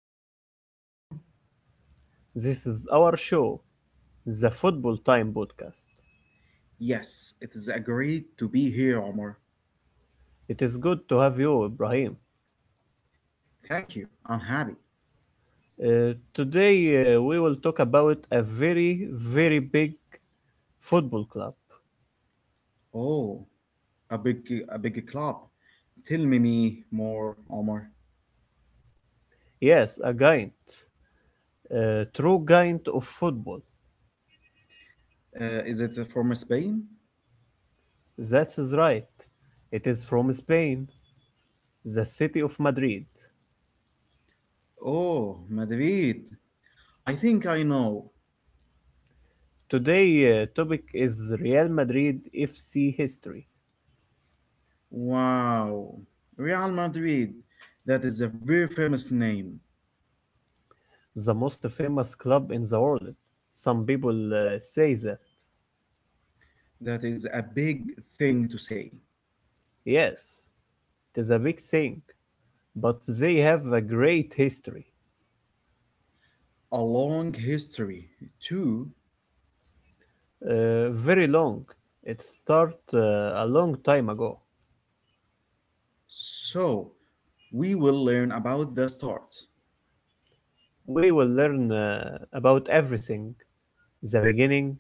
Hello, everyone. This is our show, the Football Time Podcast. Yes, it is agreed to be here, Omar. It is good to have you, Ibrahim. Thank you. I'm happy. Today, we will talk about a very, very big football club. Oh, a big, a big club. Tell me more, Omar. Yes, a giant, a true giant of football. Is it from Spain? That is right. It is from Spain, the city of Madrid. Oh, Madrid. I think I know. Today topic is Real Madrid FC history, Wow, Real Madrid. That is a very famous name. the most famous club in the world. Some people say that That is a big thing to say. yes, it is a big thing, but they have a great history. A long history, too. Very long. It started a long time ago. So, we will learn about the start. We will learn about everything: the beginning,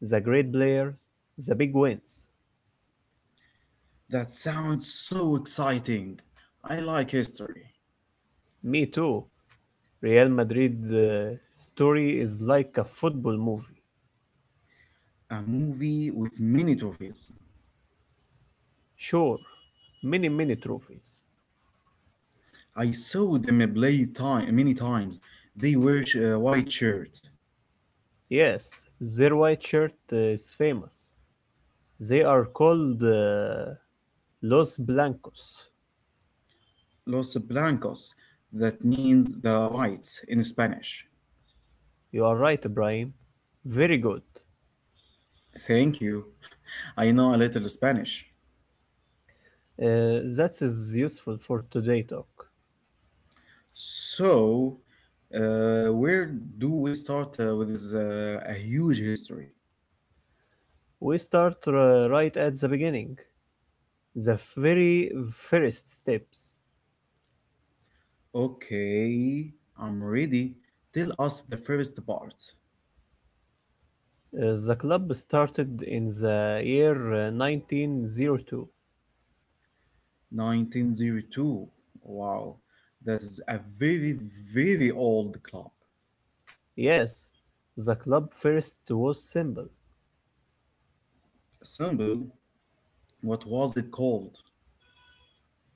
the great players, the big wins. That sounds so exciting. I like history. Me too. Real Madrid story is like a football movie. A movie with many trophies. Sure, many, many trophies. I saw them play time, many times. They wear white shirt. Yes, their white shirt is famous. They are called Los Blancos. Los blancos. That means the whites in Spanish. You are right, Ibrahim. Very good. Thank you. I know a little Spanish. That is useful for today talk. So, where do we start with this a huge history? We start right at the beginning. The very first steps. Okay, I'm ready. Tell us the first part. The club started in the year 1902. 1902. Wow, that is a very, very old club. Yes, the club first was simple. Symbol, what was it called?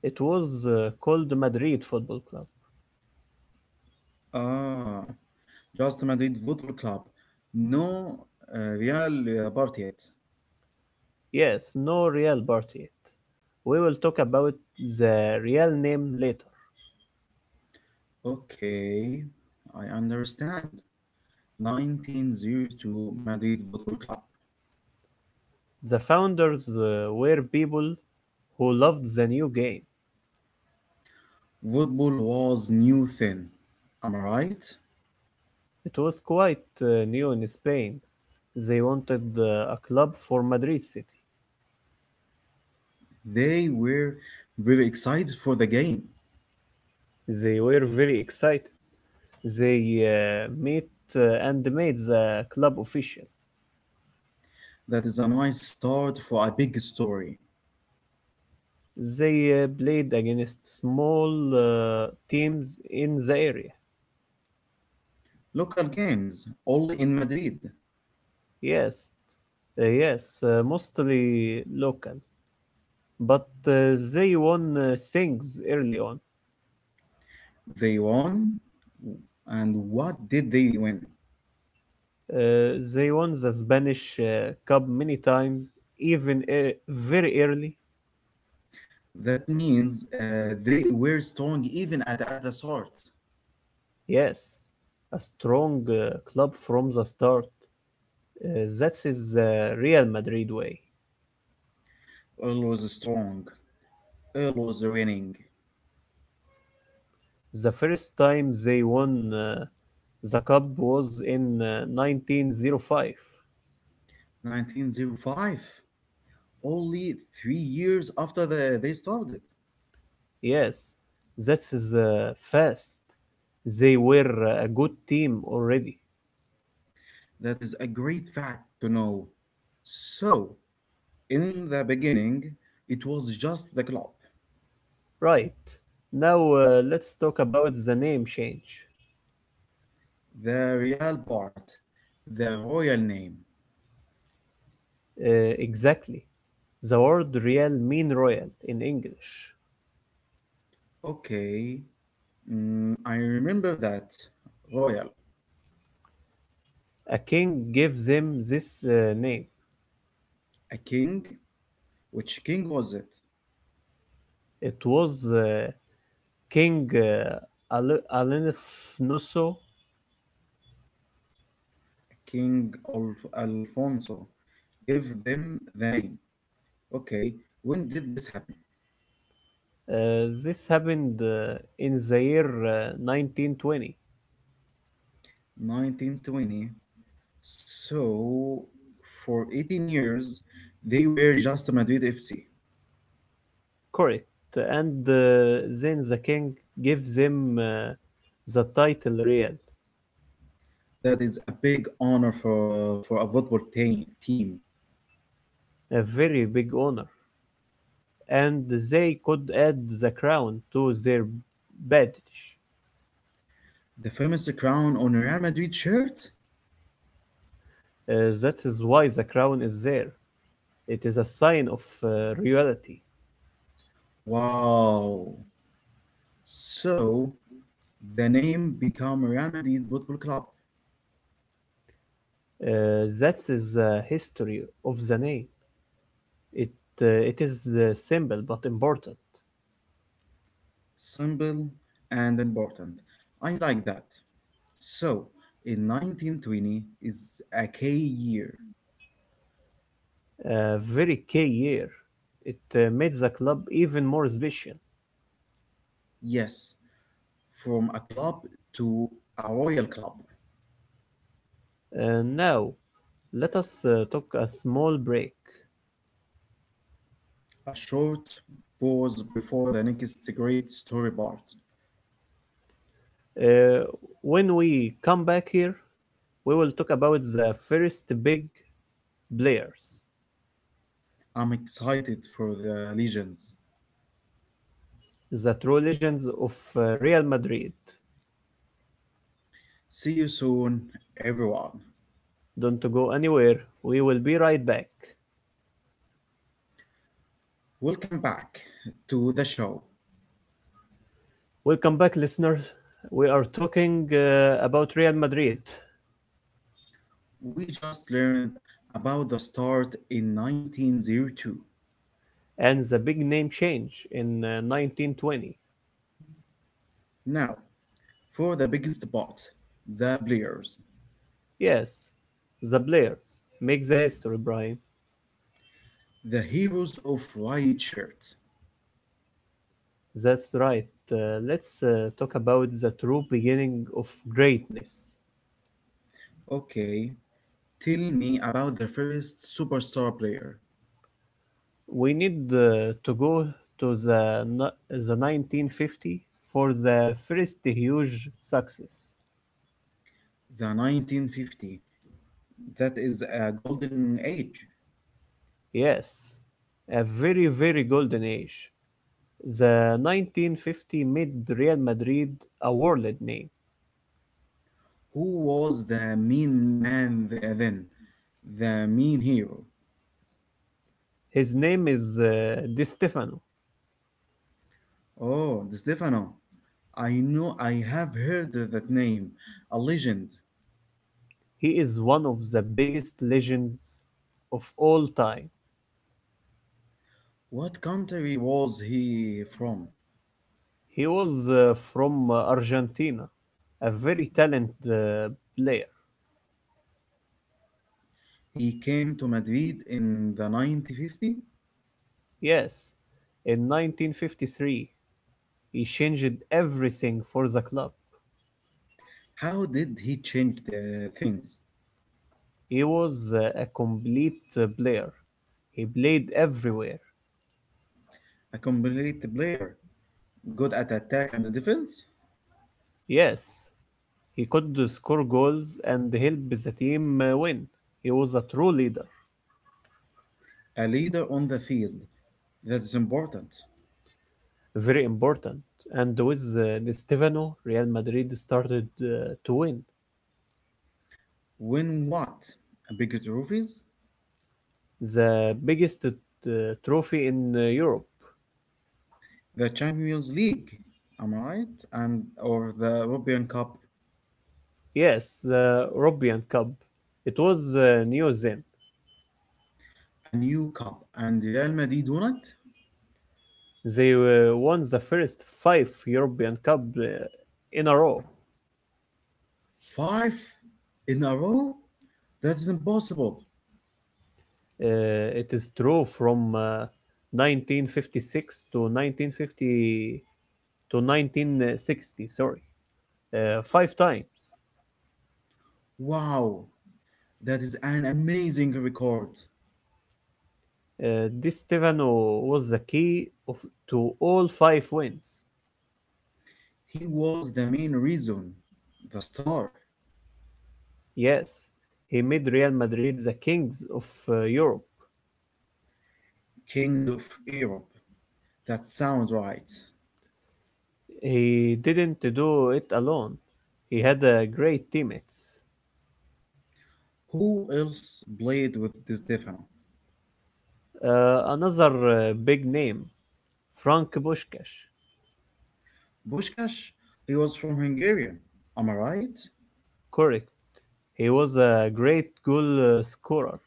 It was called Madrid Football Club. Ah, just Madrid Football Club. No, Real Bartet. Yes, no real party yet. We will talk about the real name later. Okay, I understand. 1902 Madrid Football Club. The founders were people who loved the new game. Football was new then. Am I right? It was quite new in Spain. They wanted a club for Madrid City. They were very excited for the game. They were very excited. They met and made the club official. That is a nice start for a big story. They played against small teams in the area. Local games, only in Madrid. Yes, yes, mostly local. But they won things early on. They won. And what did they win? They won the Spanish Cup many times, even very early. That means they were strong even at the start. Yes, a strong club from the start. That is the Real Madrid way. Earl was strong. Earl was winning. The first time they won the cup was in 1905. 1905, only 3 years after they started. Yes, that is fast. They were a good team already. That is a great fact to know. So, in the beginning, it was just the club, Right. Now let's talk about the name change. the real part, the royal name. Exactly. The word real mean royal in English. Okay, I remember that royal, A king gave them this name. a king. Which king was it? It was King Ale- Alenifunoso. King Alfonso. Give them the name. Okay, when did this happen? Uh, this happened in the year 1920. 1920. So, for 18 years, they were just Madrid FC. Correct. And then the king gave them the title real, That is a big honor for a football team. a very big honor, and they could add the crown to their badge. The famous crown on Real Madrid shirt? That is why the crown is there. It is a sign of royalty. Wow. So, the name become Real Madrid Football Club. That is the history of the name. It it is simple but important. Simple and important. I like that. So, in 1920 is a K year. A very key year. It made the club even more special. Yes, from a club to a royal club. Now let us take a small break. A short pause before the next great story part. Uh, when we come back here, we will talk about the first big players, I'm excited for the legends. the true legends of Real Madrid. See you soon, everyone. Don't go anywhere. We will be right back. Welcome back to the show. Welcome back, listeners. We are talking about Real Madrid We just learned about the start in 1902. and the big name change in 1920. Now, for the biggest part, the players, Yes, the players make the history, Brian. the heroes of white shirt. That's right. Let's talk about the true beginning of greatness. Okay, tell me about the first superstar player, We need to go to the 1950 for the first huge success. the 1950. That is a golden age. Yes, a very, very golden age. The 1950 mid Real Madrid awarded name. Who was the mean man then? The mean hero. His name is Di Stefano. Oh, Di Stefano. I know I have heard that name. A legend. He is one of the biggest legends of all time. What country was he from? He was from Argentina, a very talented player. He came to Madrid in the 1950. Yes, in 1953, he changed everything for the club. How did he change the things? He was a complete player. He played everywhere. A complete player, good at attack and defense, Yes, he could score goals and help the team win. He was a true leader, a leader on the field. That is important. very important. And with Di Stefano, Real Madrid started to win Win what? Big trophies, the biggest trophy in Europe. the Champions League, am I right? And or the European Cup, Yes, the European Cup. It was new then. a new cup, and Real Madrid won it They won the first five European Cup in a row. five in a row. That is impossible. It is true from 1956 to 1958. To 1960, sorry, five times. Wow. That is an amazing record. Di Stefano was the key of, to all five wins. He was the main reason. The star. Yes, he made Real Madrid the kings of Europe. Kings of Europe. That sounds right. He didn't do it alone. He had great teammates. Who else played with Di Stefano? Another big name, Frank Bushkash. Pushkash? He was from Hungarian. Am I right? Correct. He was a great goal scorer,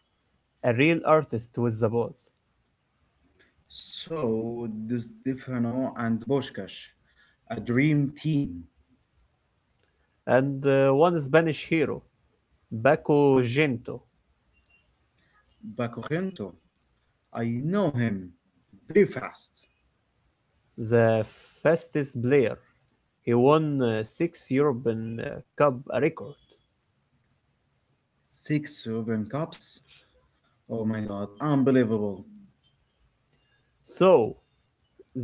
a real artist with the ball. So, Di Stefano and Pushkash. A dream team. And one Spanish hero, Baco Gento, Bakugento. I know him. Very fast. the fastest player. He won six European Cup record. Six European Cups. Oh my god, unbelievable. So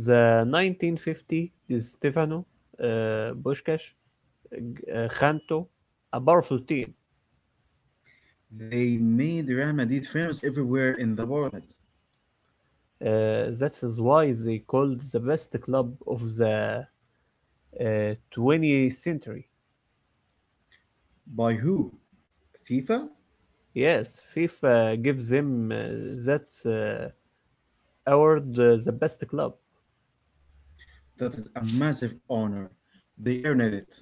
the 1950 is Stefano, uh, Bushkash, Khanto, a powerful team. They made Real Madrid famous everywhere in the world. That is why they called the best club of the 20th century. By who? FIFA? Yes, FIFA gives them that award, the best club. That is a massive honor. They earned it.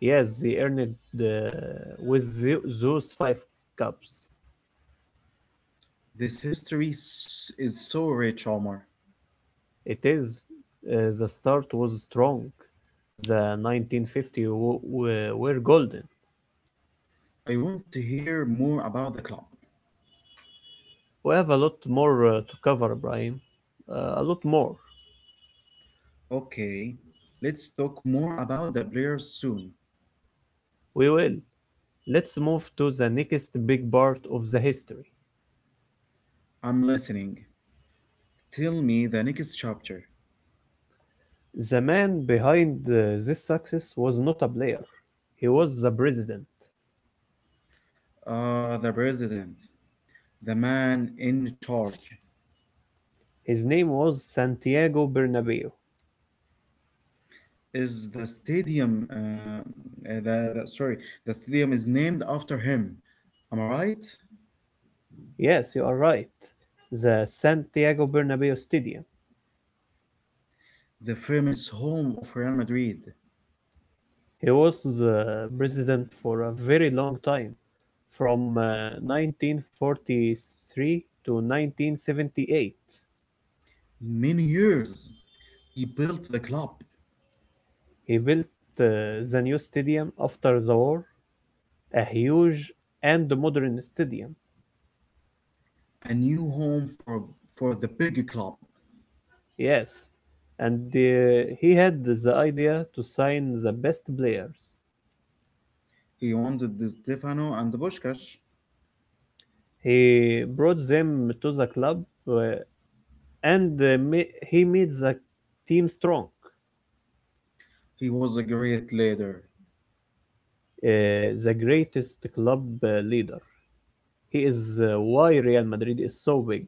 Yes, they earned it uh, with those five cups. This history is so rich, Omar. It is the start was strong. The 1950 were golden. I want to hear more about the club. We have a lot more to cover, Brian. A lot more. Okay, let's talk more about the players soon. We will. Let's move to the next big part of the history. I'm listening. Tell me the next chapter. The man behind this success was not a player. He was the president. The president, the man in charge. His name was Santiago Bernabeu. Is the stadium the sorry, the stadium is named after him, am I right? Yes, you are right. The Santiago Bernabeu Stadium. The famous home of Real Madrid. He was the president for a very long time, from 1943 to 1978. Many years he built the club. He built uh, the new stadium after the war, a huge and modern stadium. A new home for the big club. Yes, and he had the idea to sign the best players. He wanted the Stefano and Puskás. He brought them to the club uh, and he made the team strong, He was a great leader. The greatest club leader. He is why Real Madrid is so big.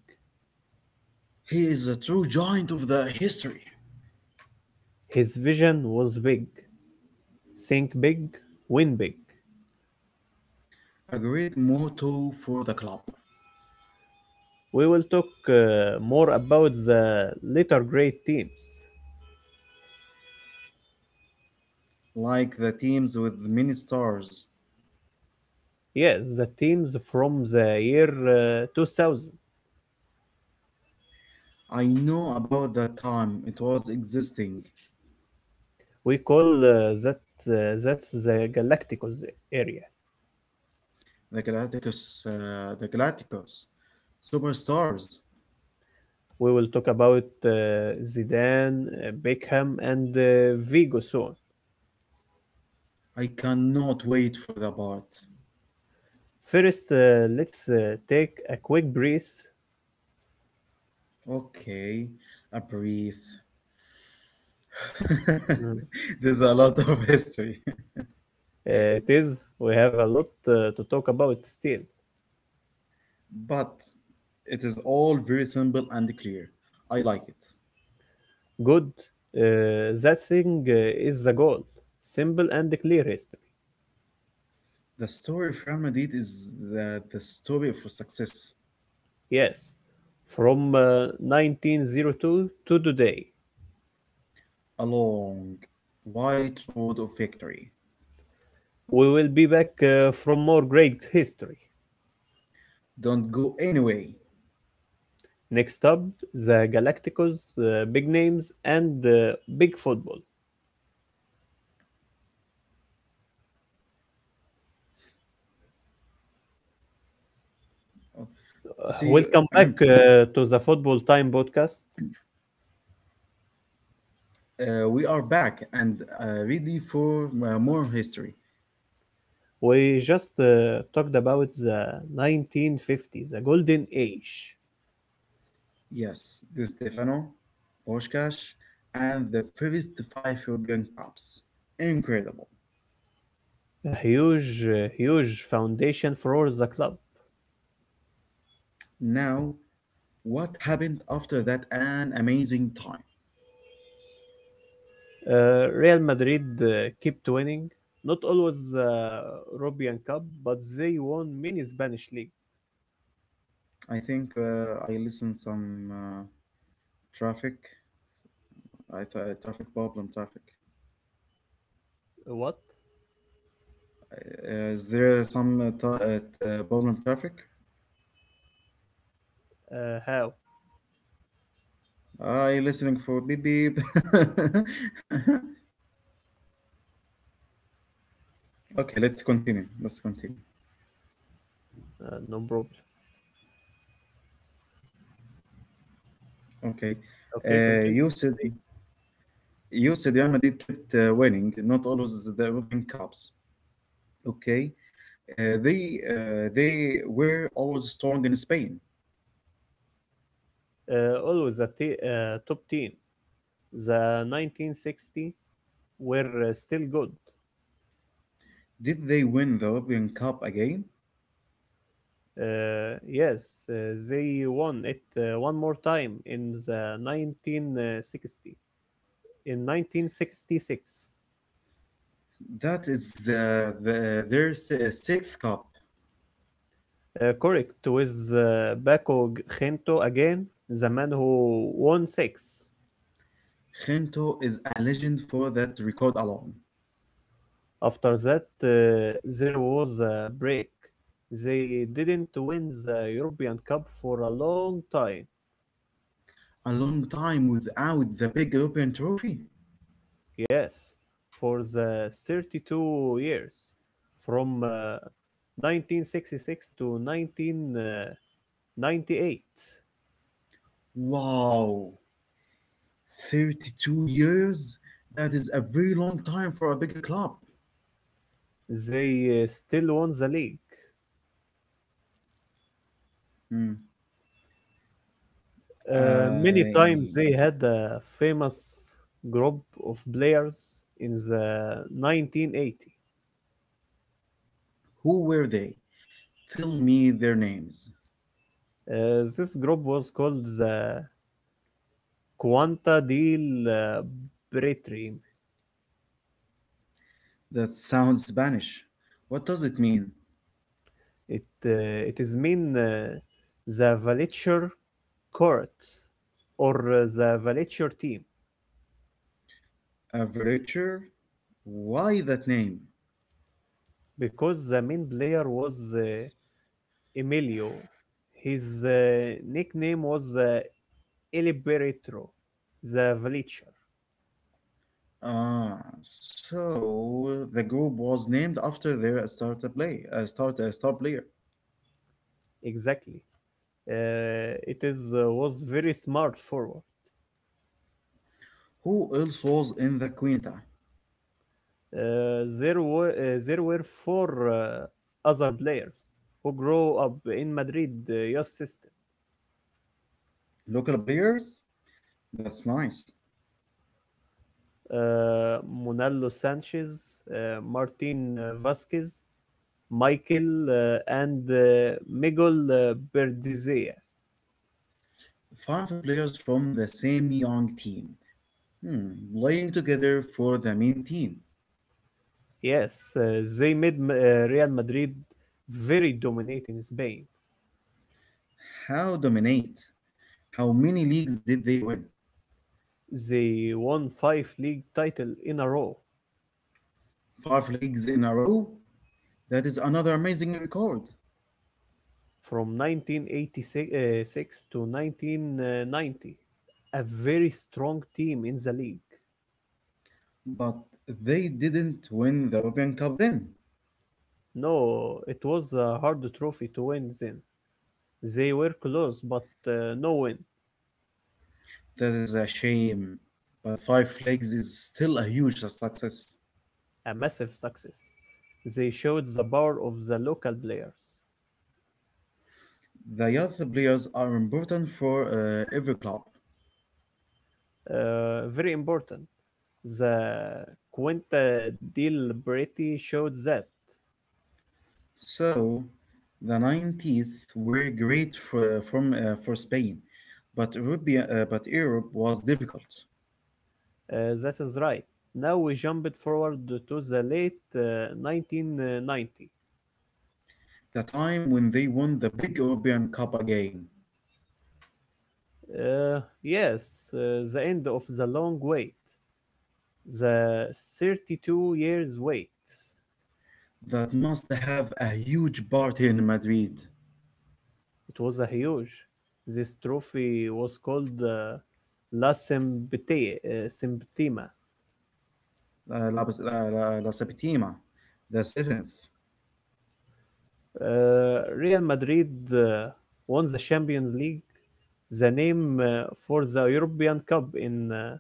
He is a true giant of the history. His vision was big. Think big, win big. A great motto for the club. We will talk more about the later great teams. Like the teams with many stars. Yes, the teams from the year 2000. I know about the time it was existing, We call uh, that uh, that's the Galacticos area. the Galacticus, superstars. We will talk about Zidane, Beckham, and Vigo soon. I cannot wait for the part. First, let's take a quick breath. Okay, I breathe. Mm. There's a lot of history, It is. We have a lot to talk about still. but it is all very simple and clear. I like it. Good. That thing is the goal. Simple and clear history. The story of Real Madrid is the story of success, Yes. From 1902 to today. a long, white road of victory. We will be back from more great history. Don't go anyway. Next up, the Galacticos, big names, and big football. Uh, See, Welcome back to the Football Time podcast. We are back and ready for more history. We just talked about the 1950s, the golden age. Yes, Di Stefano, Boshkash, and the first five European Cups. Incredible. A huge, huge foundation for the club. Now, what happened after that an amazing time? Real Madrid kept winning, not always European Cup, but they won many Spanish league. I think I listened some traffic. Traffic problem traffic. What? Is there some problem traffic? How? I listening for beep beep. Okay, let's continue. Let's continue. No problem. Okay, Okay, uh, continue. you said you said Real Madrid kept winning, not always the European Cups. Okay, they were always strong in Spain. Always a top team. The 1960 were still good. Did they win the European Cup again? Yes, uh, they won it one more time in the 1960 in 1966. That is their sixth cup. Correct with Paco Gento again, the man who won six. Gento is a legend for that record alone. After that, there was a break. They didn't win the European Cup for a long time. A long time without the big European trophy. Yes, for the 32 years, from 1966 to 1998, Wow. 32 years? That is a very long time for a bigger club. they still won the league. Hmm. Many Uh, times they had a famous group of players in the 1980. who were they? Tell me their names. Uh, this group was called the Quanta del Bretrim. That sounds Spanish. What does it mean? It is mean the Vulture Court or the Vulture team A villager? Why that name? because the main player was Emilio. His nickname was El Beretro, the Vulture. Ah, so the group was named after their star player. Exactly. It is was very smart forward. Who else was in the Quinta? There were four other players who grow up in Madrid youth system. Local players? That's nice. Uh, Monaldo Sanchez, Martin Vasquez, Michael, and Miguel Berdizea. Five players from the same young team. Hmm, Lying together for the main team. Yes, they made Real Madrid very dominant in Spain. How dominate? How many leagues did they win? They won five league title in a row, Five leagues in a row? That is another amazing record. from 1986 uh, six to 1990, a very strong team in the league. But they didn't win the European Cup then. No, it was a hard trophy to win then. They were close, but no win, That is a shame. But five leagues is still a huge success. a massive success. They showed the power of the local players. The youth players are important for every club. Very important. The Quinta Del Brete showed that. So, the 90s were great for Spain, but Europe was difficult. That is right. Now we jumped forward to the late 1990. The time when they won the big European Cup again. Yes, the end of the long wait, the 32 years wait. That must have a huge party in Madrid. It was a huge. This trophy was called La Sempitema. La Septima, the seventh. Real Madrid uh, won the Champions League, the name for the European Cup in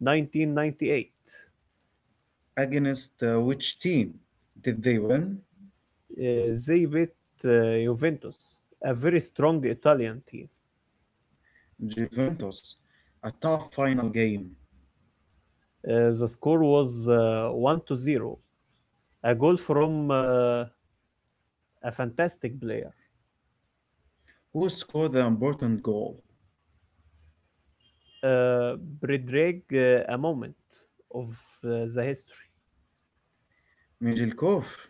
1998. Against which team did they win? They beat Juventus, a very strong Italian team. Juventus. A tough final game. The score was 1-0, a goal from a fantastic player. Who scored the important goal? Uh, Bredrag, a moment of the history. Mijelkov.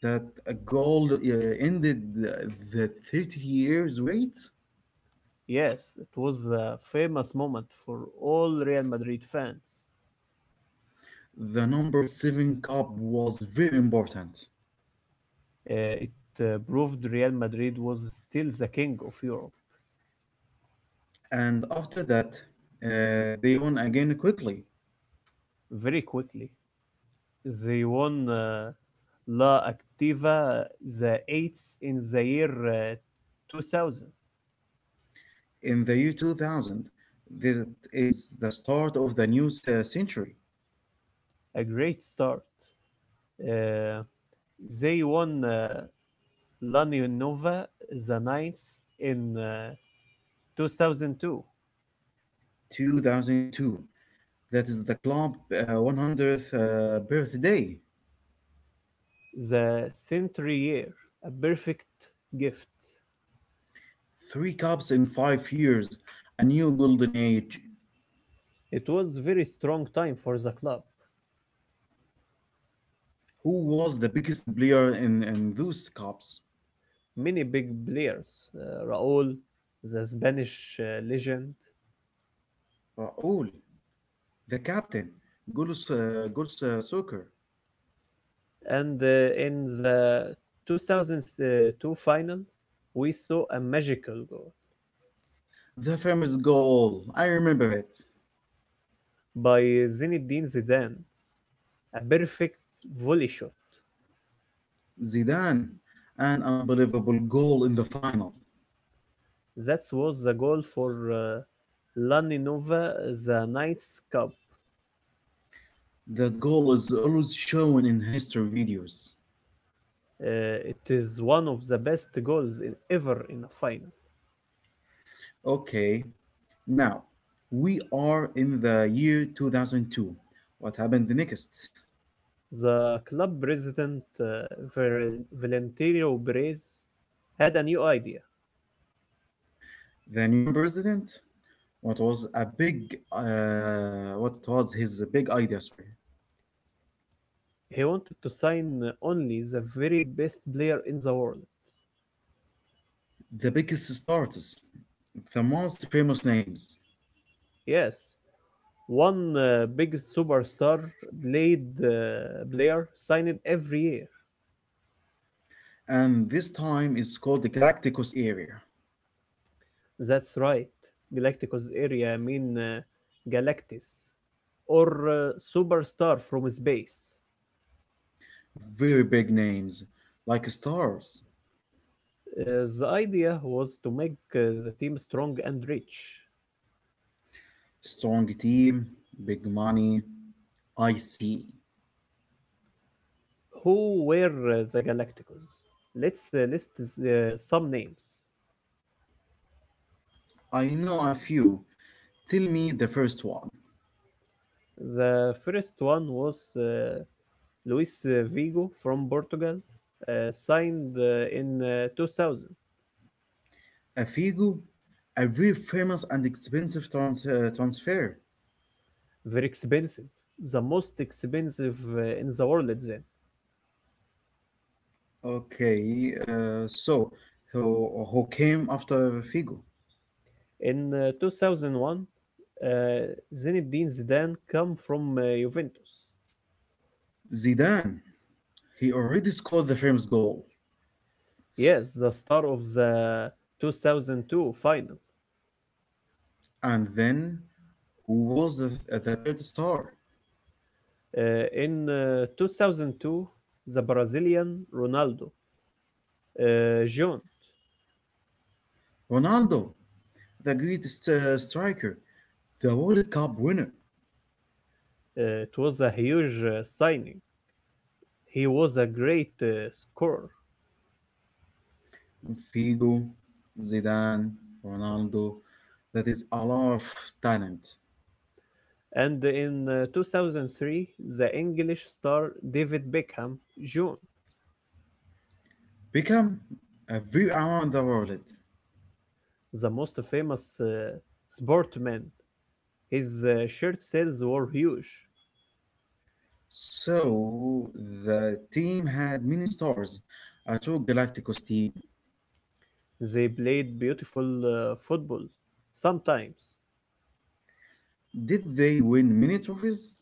That goal ended the 30 years wait. Yes, it was a famous moment for all Real Madrid fans. The number seven cup was very important. It proved Real Madrid was still the king of Europe And after that, they won again quickly very quickly. They won La Activa the eighth in the year 2000. in the year 2000. That is the start of the new century, A great start. Uh, They won La the ninth in 2002, 2002. That is the club 100th birthday. the century year, a perfect gift. Three cups in 5 years, a new golden age. It was very strong time for the club. Who was the biggest player in those cups? Many big players, Raul, the Spanish legend, Raul, the captain, goals, soccer. and in the 2002 final, we saw a magical goal The famous goal, I remember it. by Zinedine Zidane, a perfect volley shot. Zidane, an unbelievable goal in the final. That was the goal for Laninova, the Knights Cup. That goal is always shown in history videos. Uh, it is one of the best goals in, ever in a final. Okay, now we are in the year 2002. What happened next? The club president, Valentino Perez, had a new idea. The new president? What was his big idea? Sorry, He wanted to sign only the very best player in the world. the biggest starters, the most famous names, Yes, one big superstar blade player signed every year. and this time it's called the Galacticos area. That's right. Galacticus area mean Galactus or superstar from space. Very big names, like stars. The idea was to make the team strong and rich. Strong team, big money. I see. Who were the Galacticos? Let's list some names. I know a few. Tell me the first one. The first one was Luis Vigo from Portugal, signed in 2000. A Figo? A very famous and expensive transfer. Very expensive, the most expensive in the world then. Okay, so, who came after Figo? In 2001, uh, Zinedine Zidane come from Juventus. Zidane. He already scored the famous goal. Yes, the star of the 2002 final. And then who was the third star? Uh, in 2002, the Brazilian Ronaldo joined. Ronaldo, the greatest striker, the World Cup winner. It was a huge signing. He was a great scorer. Figo, Zidane, Ronaldo. That is a lot of talent. And in 2003, the English star David Beckham joined, Become every around the world. the most famous sportman. His shirt sales were huge. So the team had many stars. A true Galacticos team. They played beautiful football. Sometimes Did they win many trophies?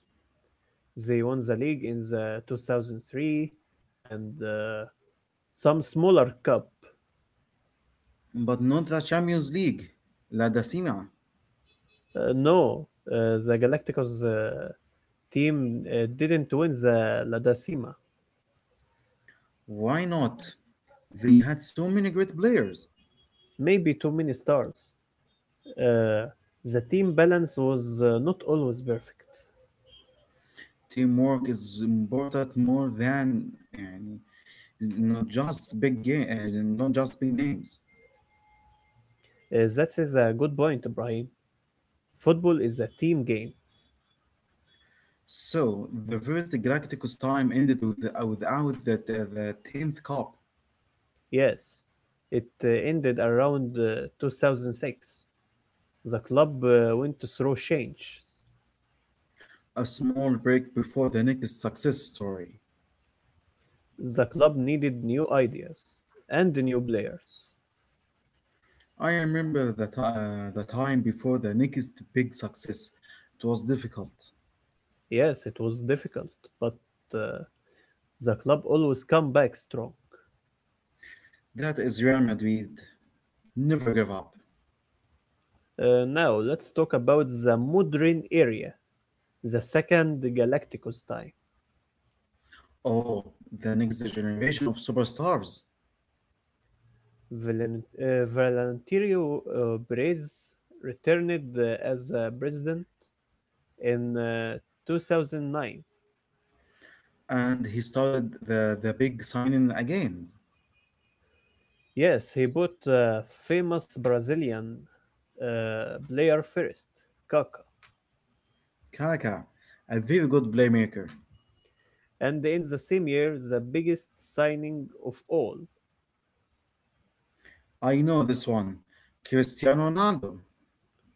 they won the league in the 2003 and some smaller cup. But not the Champions League. La Decima. No, the Galacticos team didn't win the La Decima. Why not? They had so many great players. Maybe too many stars. Uh, the team balance was not always perfect. Teamwork is important more than uh, not just big game, not just big names. That is a good point, Ibrahim. Football is a team game. So the first Galacticus time ended without the tenth cup, Yes, it ended around 2006. The club went through change. a small break before the next success story. The club needed new ideas and new players. I remember that the time before the next big success. It was difficult. Yes, it was difficult, but uh, the club always come back strong. That is Real Madrid. Never gave up. Now let's talk about the modern area, the second Galacticos time. Oh, the next generation of superstars. Valentino Perez returned as president in 2009. And he started the big signing again. Yes, he bought the famous Brazilian player first, Kaká, Kaka, a very good playmaker. and in the same year, the biggest signing of all, I know this one. Cristiano Ronaldo.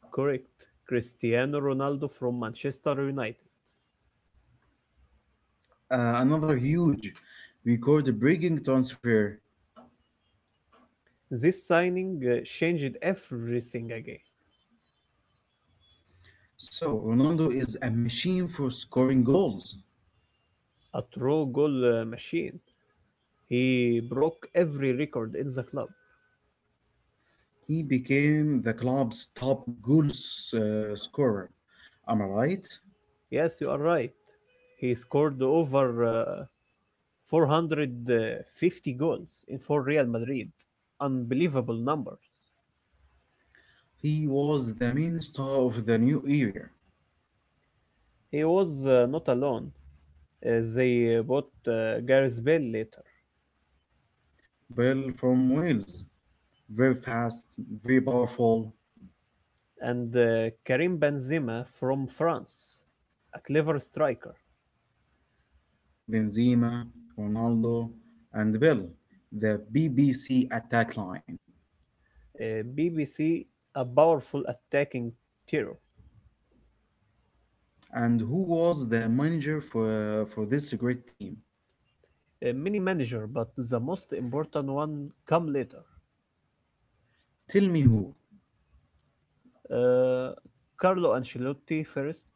correct, Cristiano Ronaldo from Manchester United. Another huge record-breaking transfer. This signing changed everything again. So Ronaldo is a machine for scoring goals. A true goal machine. He broke every record in the club. He became the club's top goal scorer. Am I right? Yes, you are right. He scored over 450 goals in for Real Madrid. Unbelievable numbers. He was the main star of the new era. He was not alone. They bought Gareth Bale later Bell from Wales, very fast, very powerful. and Karim Benzema from France, a clever striker. Benzema, Ronaldo, and Bell, the BBC attack line. BBC, a powerful attacking hero. And who was the manager for this great team? Many manager, but the most important one come later. Tell me who. Uh, Carlo Ancelotti first,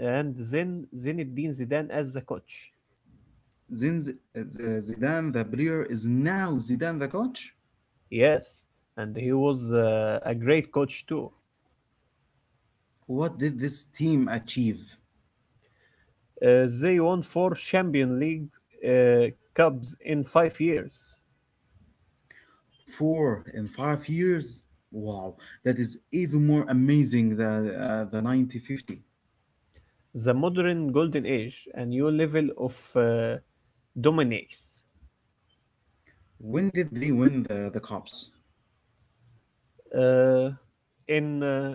and then Zinedine Zidane as the coach. Then Zidane, the player, is now Zidane, the coach. Yes, and he was a great coach too. What did this team achieve? They won four Champion League uh, Cups in 5 years. Four in 5 years? Wow, that is even more amazing than the 1950. The modern golden age, a new level of dominance. When did they win the cups? Uh, in uh,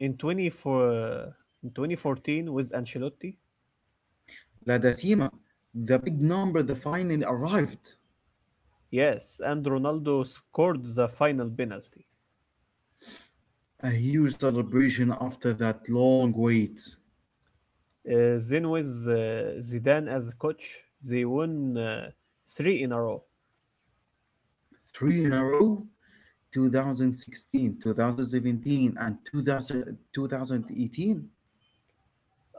in 24, in 2014 with Ancelotti, La Decima, the big number. The finally arrived. yes, and Ronaldo scored the final penalty. A huge celebration after that long wait. Then with Zidane as coach, they won three in a row. Three in a row? 2016, 2017, and 2000,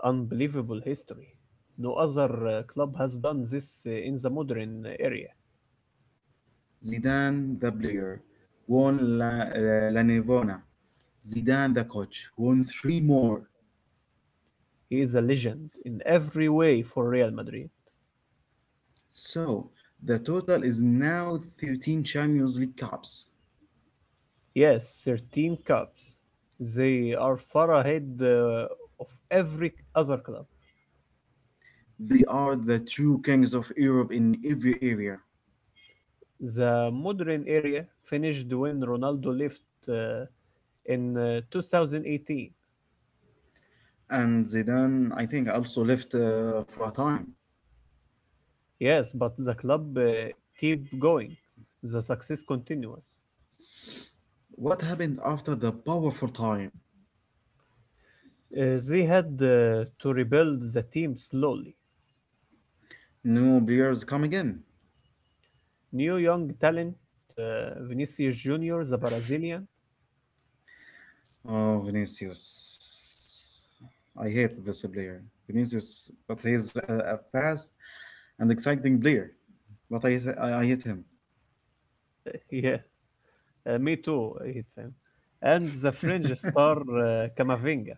Unbelievable history. No other club has done this in the modern area. Zidane the player won La Nivona. Zidane the coach won three more. He is a legend in every way for Real Madrid. So the total is now 13 Champions League Cups. Yes, 13 cups. They are far ahead of every other club. They are the true kings of Europe in every area. The modern area finished when Ronaldo left in 2018. And Zidane, I think, also left for a time. Yes, but the club keep going. The success continues. What happened after the powerful time? They had to rebuild the team slowly. New players come again. New young talent, uh, Vinicius Junior, the Brazilian. Oh, Vinicius. I hate this player. Vinicius, but he's a fast and exciting player, but I, hit- I hate him. Yeah, me too. And the French star Camavinga.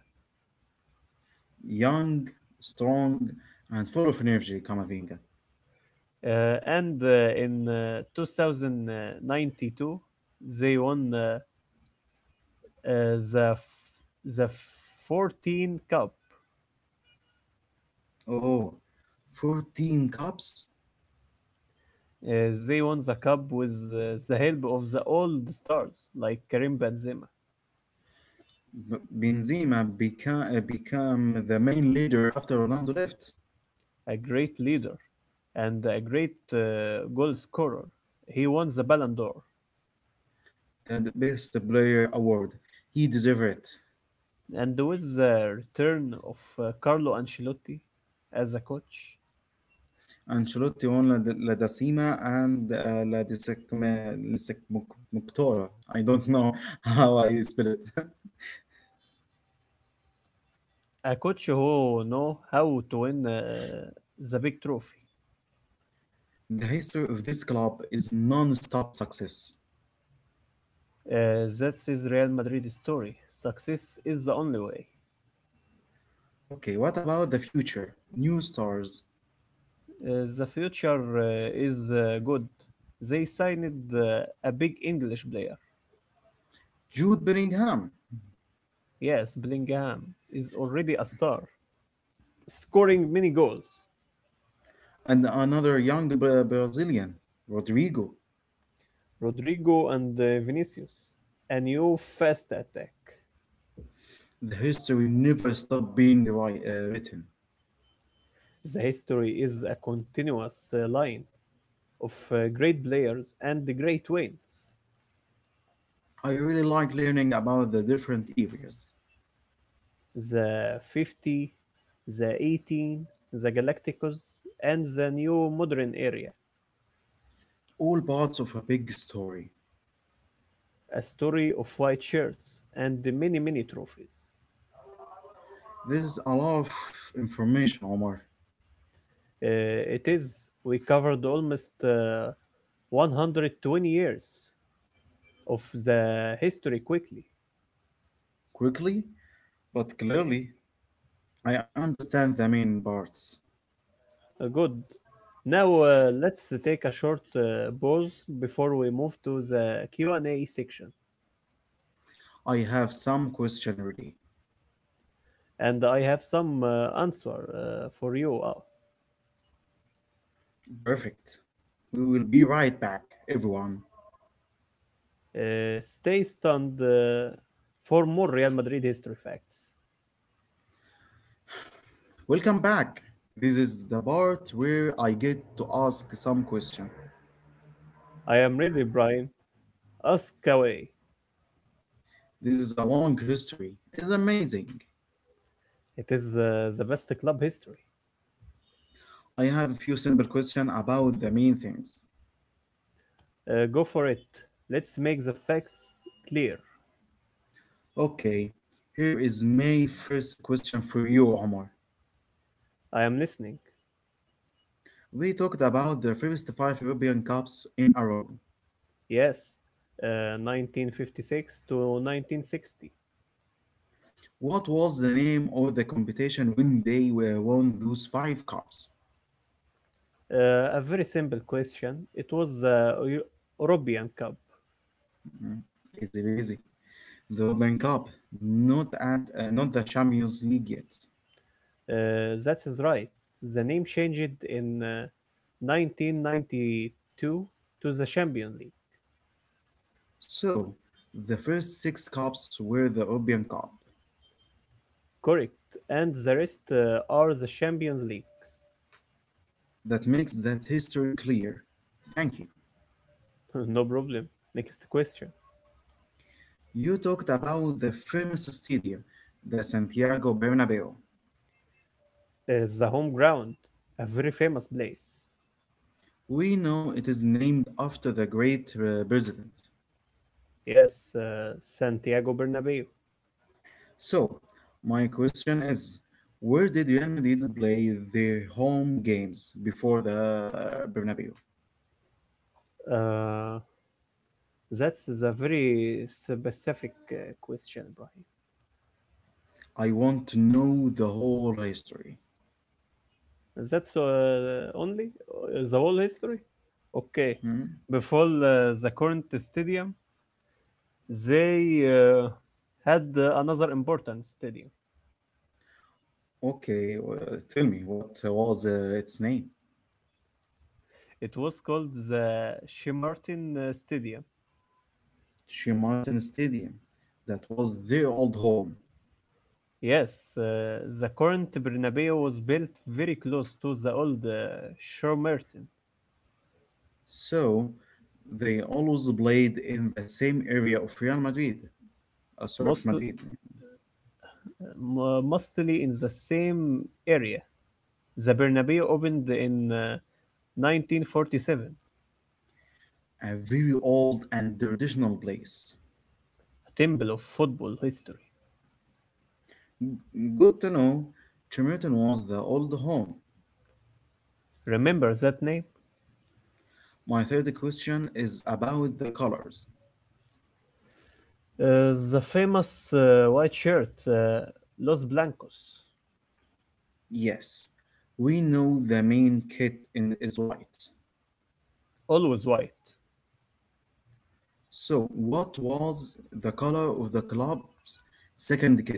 Young, strong, and full of energy, Kamavinga. And in 2092, they won the 14 Cup. Oh, fourteen 14 cups? Uh, they won the cup with the help of the old stars like Karim Benzema, B- Benzema became the main leader after Ronaldo left. a great leader and a great goal scorer. He won the Ballon d'Or. The best player award. He deserved it. And with the return of Carlo Ancelotti as Ancelotti won La Decima and La Decimocutora. I don't know how I spell it. a coach who know how to win the big trophy. The history of this club is non-stop success. That's his Real Madrid story. Success is the only way. Okay, what about the future? New stars, The future is good. They signed a big English player. Jude Bellingham, Yes, Bellingham is already a star, scoring many goals. and another young Brazilian, Rodrigo. Rodrigo and Vinicius, a new fast attack. The history never stopped being written. The history is a continuous line of great players and great wins. I really like learning about the different areas, The 50, the 18, the Galacticos, and the new modern area. all parts of a big story. A story of white shirts and many, many trophies. This is a lot of information, Omar. It is, we covered almost 120 years of the history quickly. Quickly, but clearly, I understand the main parts. Good. Now, let's take a short pause before we move to the Q&A section. I have some question ready. And I have some answer for you. Perfect. We will be right back, everyone. Stay stunned for more Real Madrid history facts. Welcome back. This is the part where I get to ask some question. I am ready, Brian. Ask away. This is a long history. It's amazing. It is the best club history. I have a few simple questions about the main things. Go for it. Let's make the facts clear. Okay, here is my first question for you, Omar. I am listening. We talked about the first five European Cups in a row. Yes, 1956 to 1960. What was the name of the competition when they were won those five cups? A very simple question. It was the European Cup. Mhm. Easy, easy. The European Cup, not the Champions League yet. That is right. The name changed in 1992 to the Champions League. So, the first six cops were the Obion cop. Correct. And the rest are the Champions Leagues. That makes that history clear. Thank you. No problem. Next question. You talked about the famous stadium, the Santiago Bernabeu. The home ground. A very famous place. We know it is named after the great president. Yes, Santiago Bernabeu. So, my question is where did Real Madrid play their home games before the Bernabeu? Uh, that's a very specific question, Ibrahim. I want to know the whole history. That's only the whole history. Okay, Hmm? before the current stadium, they uh, had another important stadium. Okay, tell me, what was its name? It was called the Shemartin Stadium. Martin Stadium. That was their old home. Yes, the current Bernabeu was built very close to the old Shemartin, So they always played in the same area of Real Madrid. Sorry, of most, Madrid. Mostly in the same area. The Bernabeu opened in 1947, a A very old and traditional place. temple of football history. Good to know. Tremerton was the old home. Remember that name? My third question is about the colors. The famous white shirt, Los Blancos, Yes, we know the main kit in is white. always white. So, what was the color of the club's second kit?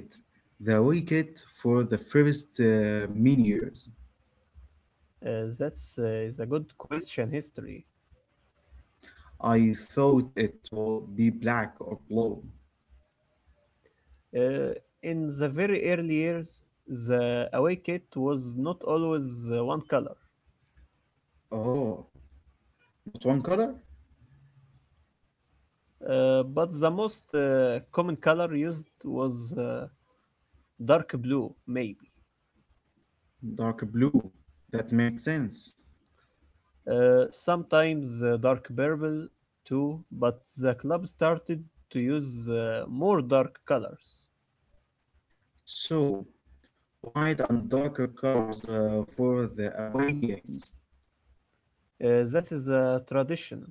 The away kit for the first many years. Uh, that's is a good question history. I thought it would be black or blue. Uh, in the very early years, the away kit was not always one color, Oh, not one color? But the most common color used was dark blue, maybe. Dark blue. That makes sense. Sometimes dark purple too, but the club started to use more dark colors. So, white and darker colors for the away games. That is a tradition.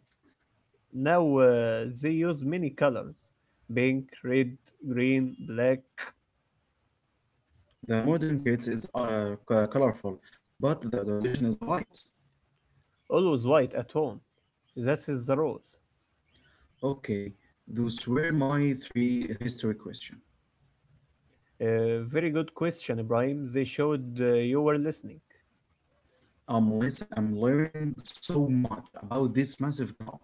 Now they use many colors, pink, red, green, black, The modern kit is colorful, but the tradition is white. always white at home. That is the rule. Okay, those were my three history questions. Very good question, Ibrahim. They showed you were listening. I'm learning so much about this massive club.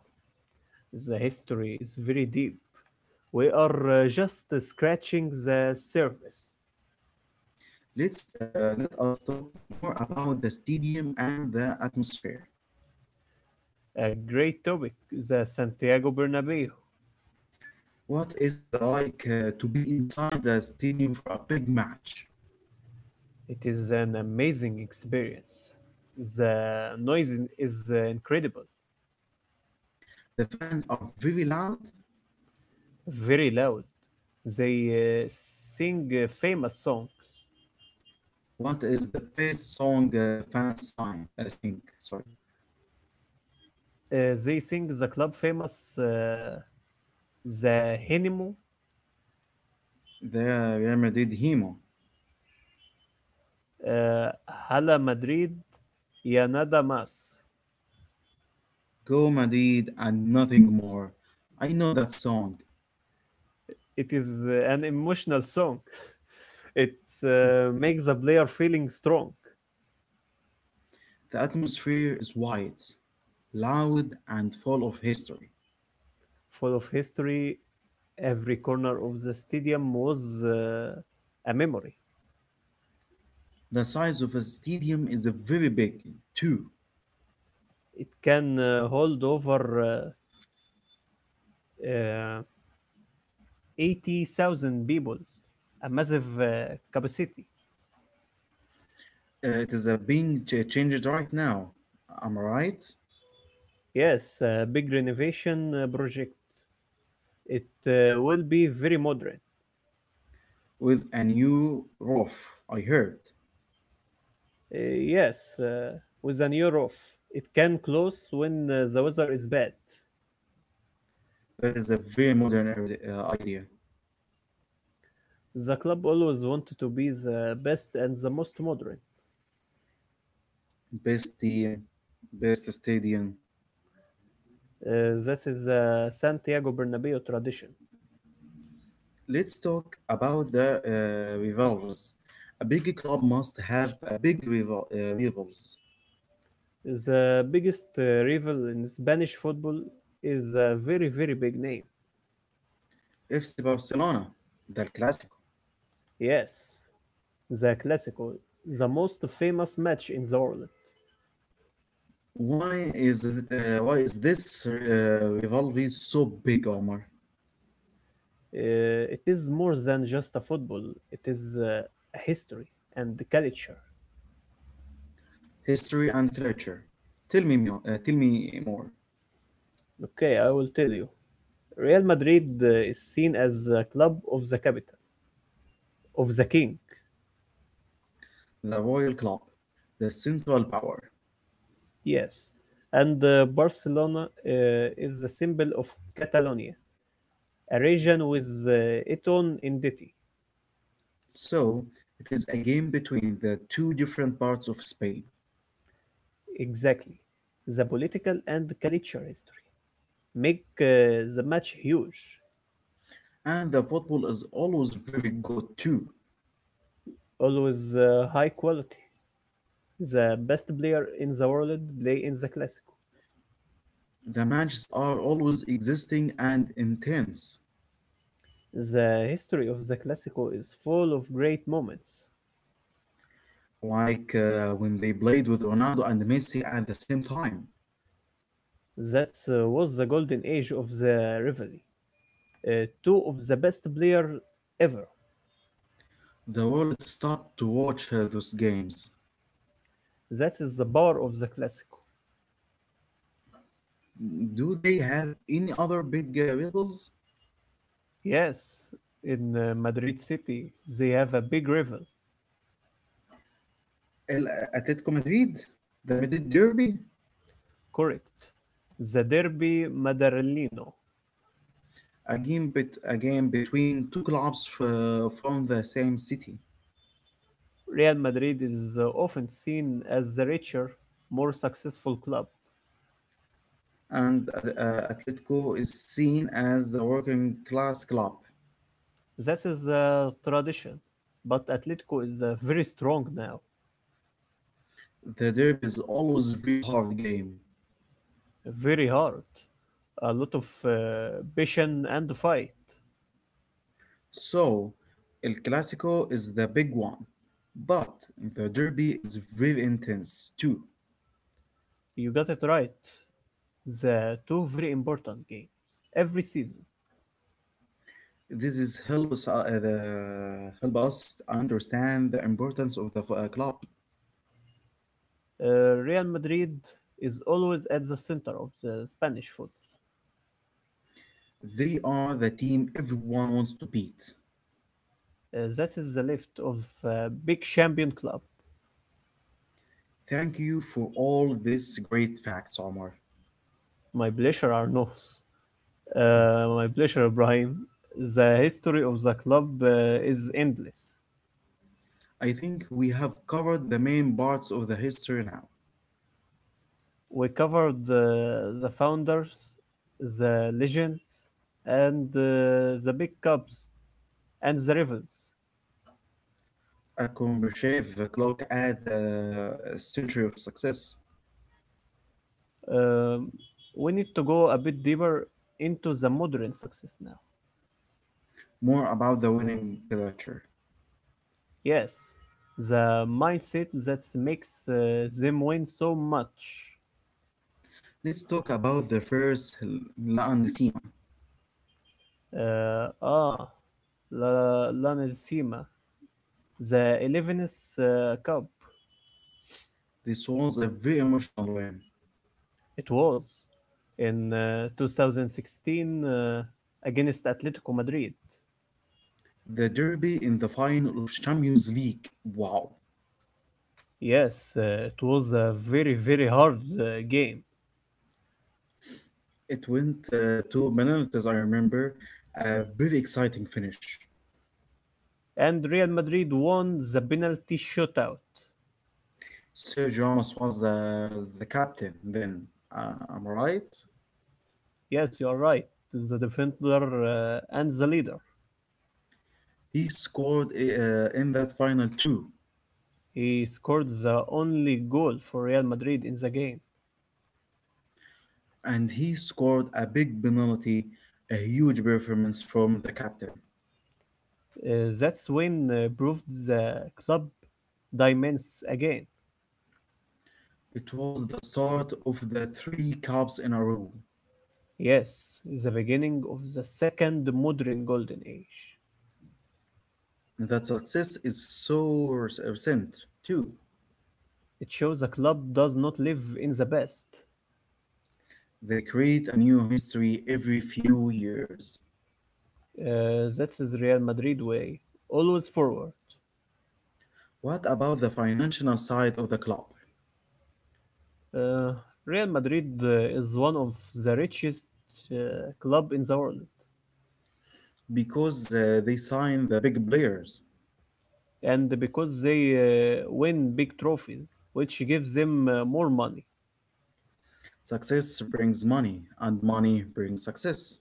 The history is very deep. We are just scratching the surface. Let us talk more about the stadium and the atmosphere. A great topic, the Santiago Bernabeu. What is the like to be inside the stadium for a big match? It is an amazing experience. The noise is incredible, The fans are very loud. very loud. They sing famous song. What is the best song the fans sing? Sorry, They sing the club famous the Henimo, the Real Madrid hymn. uh, Hala Madrid, Ya Nada Mas. Go Madrid and nothing more. I know that song. It is an emotional song. It uh, makes the player feeling strong, The atmosphere is wide, loud, and full of history. full of history. Every corner of the stadium was a memory. The size of a stadium is a very big too. It can hold over uh, uh, 80,000 people, a massive capacity. It is a being changed right now. I'm right Yes, a big renovation project. It will be very modern. with a new roof. I heard Yes, with an year off. It can close when the weather is bad. that is a very modern idea. The club always wanted to be the best and the most modern. Best team, best stadium. That is the Santiago Bernabeu tradition. Let's talk about the rivals. A big club must have a big rivals. The biggest rival in Spanish football is a very, very big name. FC Barcelona, the Clásico. Yes, the Clásico, the most famous match in the world. Why is it? Why is this rivalry so big, Omar? It is more than just a football. It is a history and the culture. History and culture. Tell me, tell me more. Okay, I will tell you. Real Madrid is seen as a club of the capital, of the king. The Royal Club, the Central Power. Yes, and Barcelona uh, is the symbol of Catalonia, a region with its own identity. So it is a game between the two different parts of Spain, Exactly, the political and culture history make the match huge. and the football is always very good too. Always high quality. The best player in the world play in the Clásico. The matches are always existing and intense, The history of the Classico is full of great moments. like when they played with Ronaldo and Messi at the same time. That was the golden age of the rivalry. Two of the best players ever. The world stopped to watch those games. That is the power of the Classico. Do they have any other big rivals? Yes, in Madrid City, they have a big rival. El Atletico Madrid, the Madrid Derby, Correct. The Derby Madrileño. A game between two clubs from the same city. Real Madrid is often seen as the richer, more successful club. And Atletico is seen as the working class club. That is a tradition. But Atletico is very strong now, The Derby is always a very hard game. very hard. A lot of passion and fight. So, El Clasico is the big one. But the Derby is very intense too. You got it right. The two very important games every season. This is help us understand the importance of the club. Real Madrid is always at the center of the Spanish football. They are the team everyone wants to beat. That is the lift of a big champion club. Thank you for all these great facts, Omar. My pleasure, Arnaud. Uh, my pleasure, Ibrahim. The history of the club is endless. I think we have covered the main parts of the history now. We covered the founders, the legends, and the big cups and the rivals. A Akombrashev clock at the century of success. Um, we need to go a bit deeper into the modern success now. More about the winning culture. Yes, the mindset that makes them win so much. Let's talk about the first La Andesima. Uh, ah, La Decima, the 11th Cup, This was a very emotional win. it was in 2016 against Atletico Madrid. The derby in the final of Champions League. Wow. Yes, it was a very, very hard game. It went to penalties, I remember. A very exciting finish. And Real Madrid won the penalty shootout. Sergio Ramos was the captain then. Uh, I'm right. Yes, you are right. The defender and the leader. He scored in that final too, He scored the only goal for Real Madrid in the game. and he scored a big penalty, a huge performance from the captain. That's when proved the club diamonds again. It was the start of the three cups in a row. Yes, the beginning of the second modern golden age. That success is so recent too. It shows the club does not live in the past. They create a new history every few years. That is Real Madrid way. Always forward. What about the financial side of the club? Uh, Real Madrid is one of the richest uh, club in the world, Because they sign the big players. and because they win big trophies, which gives them more money. Success brings money, and money brings success.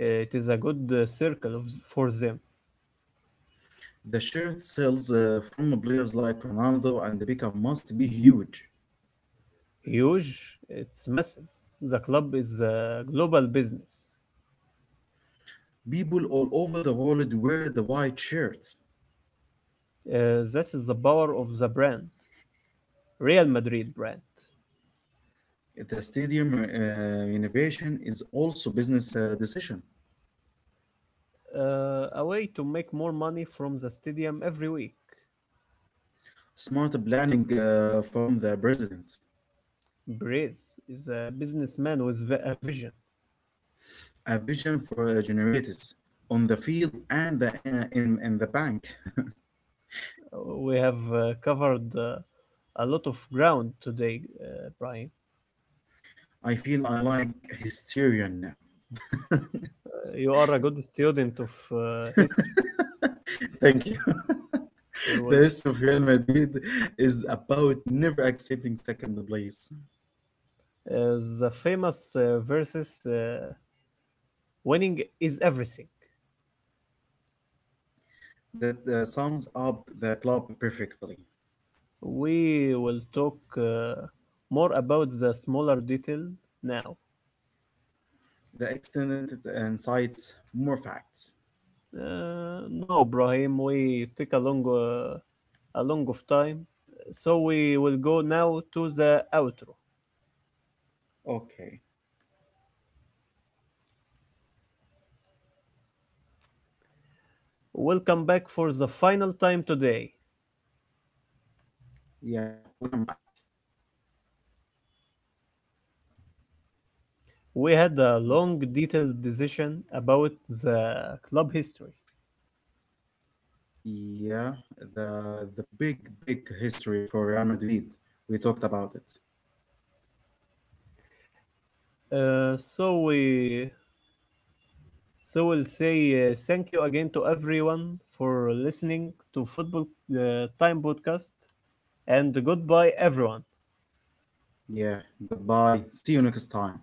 It is a good circle of, for them. The shirt sales from players like Ronaldo and Beckham must be huge. Huge, it's massive. The club is a global business. People all over the world wear the white shirt. That is the power of the brand, Real Madrid brand. The stadium innovation is also business decision. A way to make more money from the stadium every week. Smart planning from the president. Brace is a businessman with a vision. A vision for generators on the field and in the bank. We have covered a lot of ground today, Brian. I feel I like Hysterion now. You are a good student of history. Thank you. It The was, history of Real Madrid is about never accepting second place. The famous verses winning is everything. That sums up the club perfectly. We will talk more about the smaller detail now. The extended and cites more facts. No, Brahim, we take a long of time, so we will go now to the outro. Okay. Welcome back for the final time today. Yeah, we'll come back. We had a long, detailed decision about the club history. Yeah, the big history for Real Madrid. We talked about it. Uh, so we so we'll say thank you again to everyone for listening to Football Time podcast, and goodbye, everyone. Yeah, goodbye. See you next time.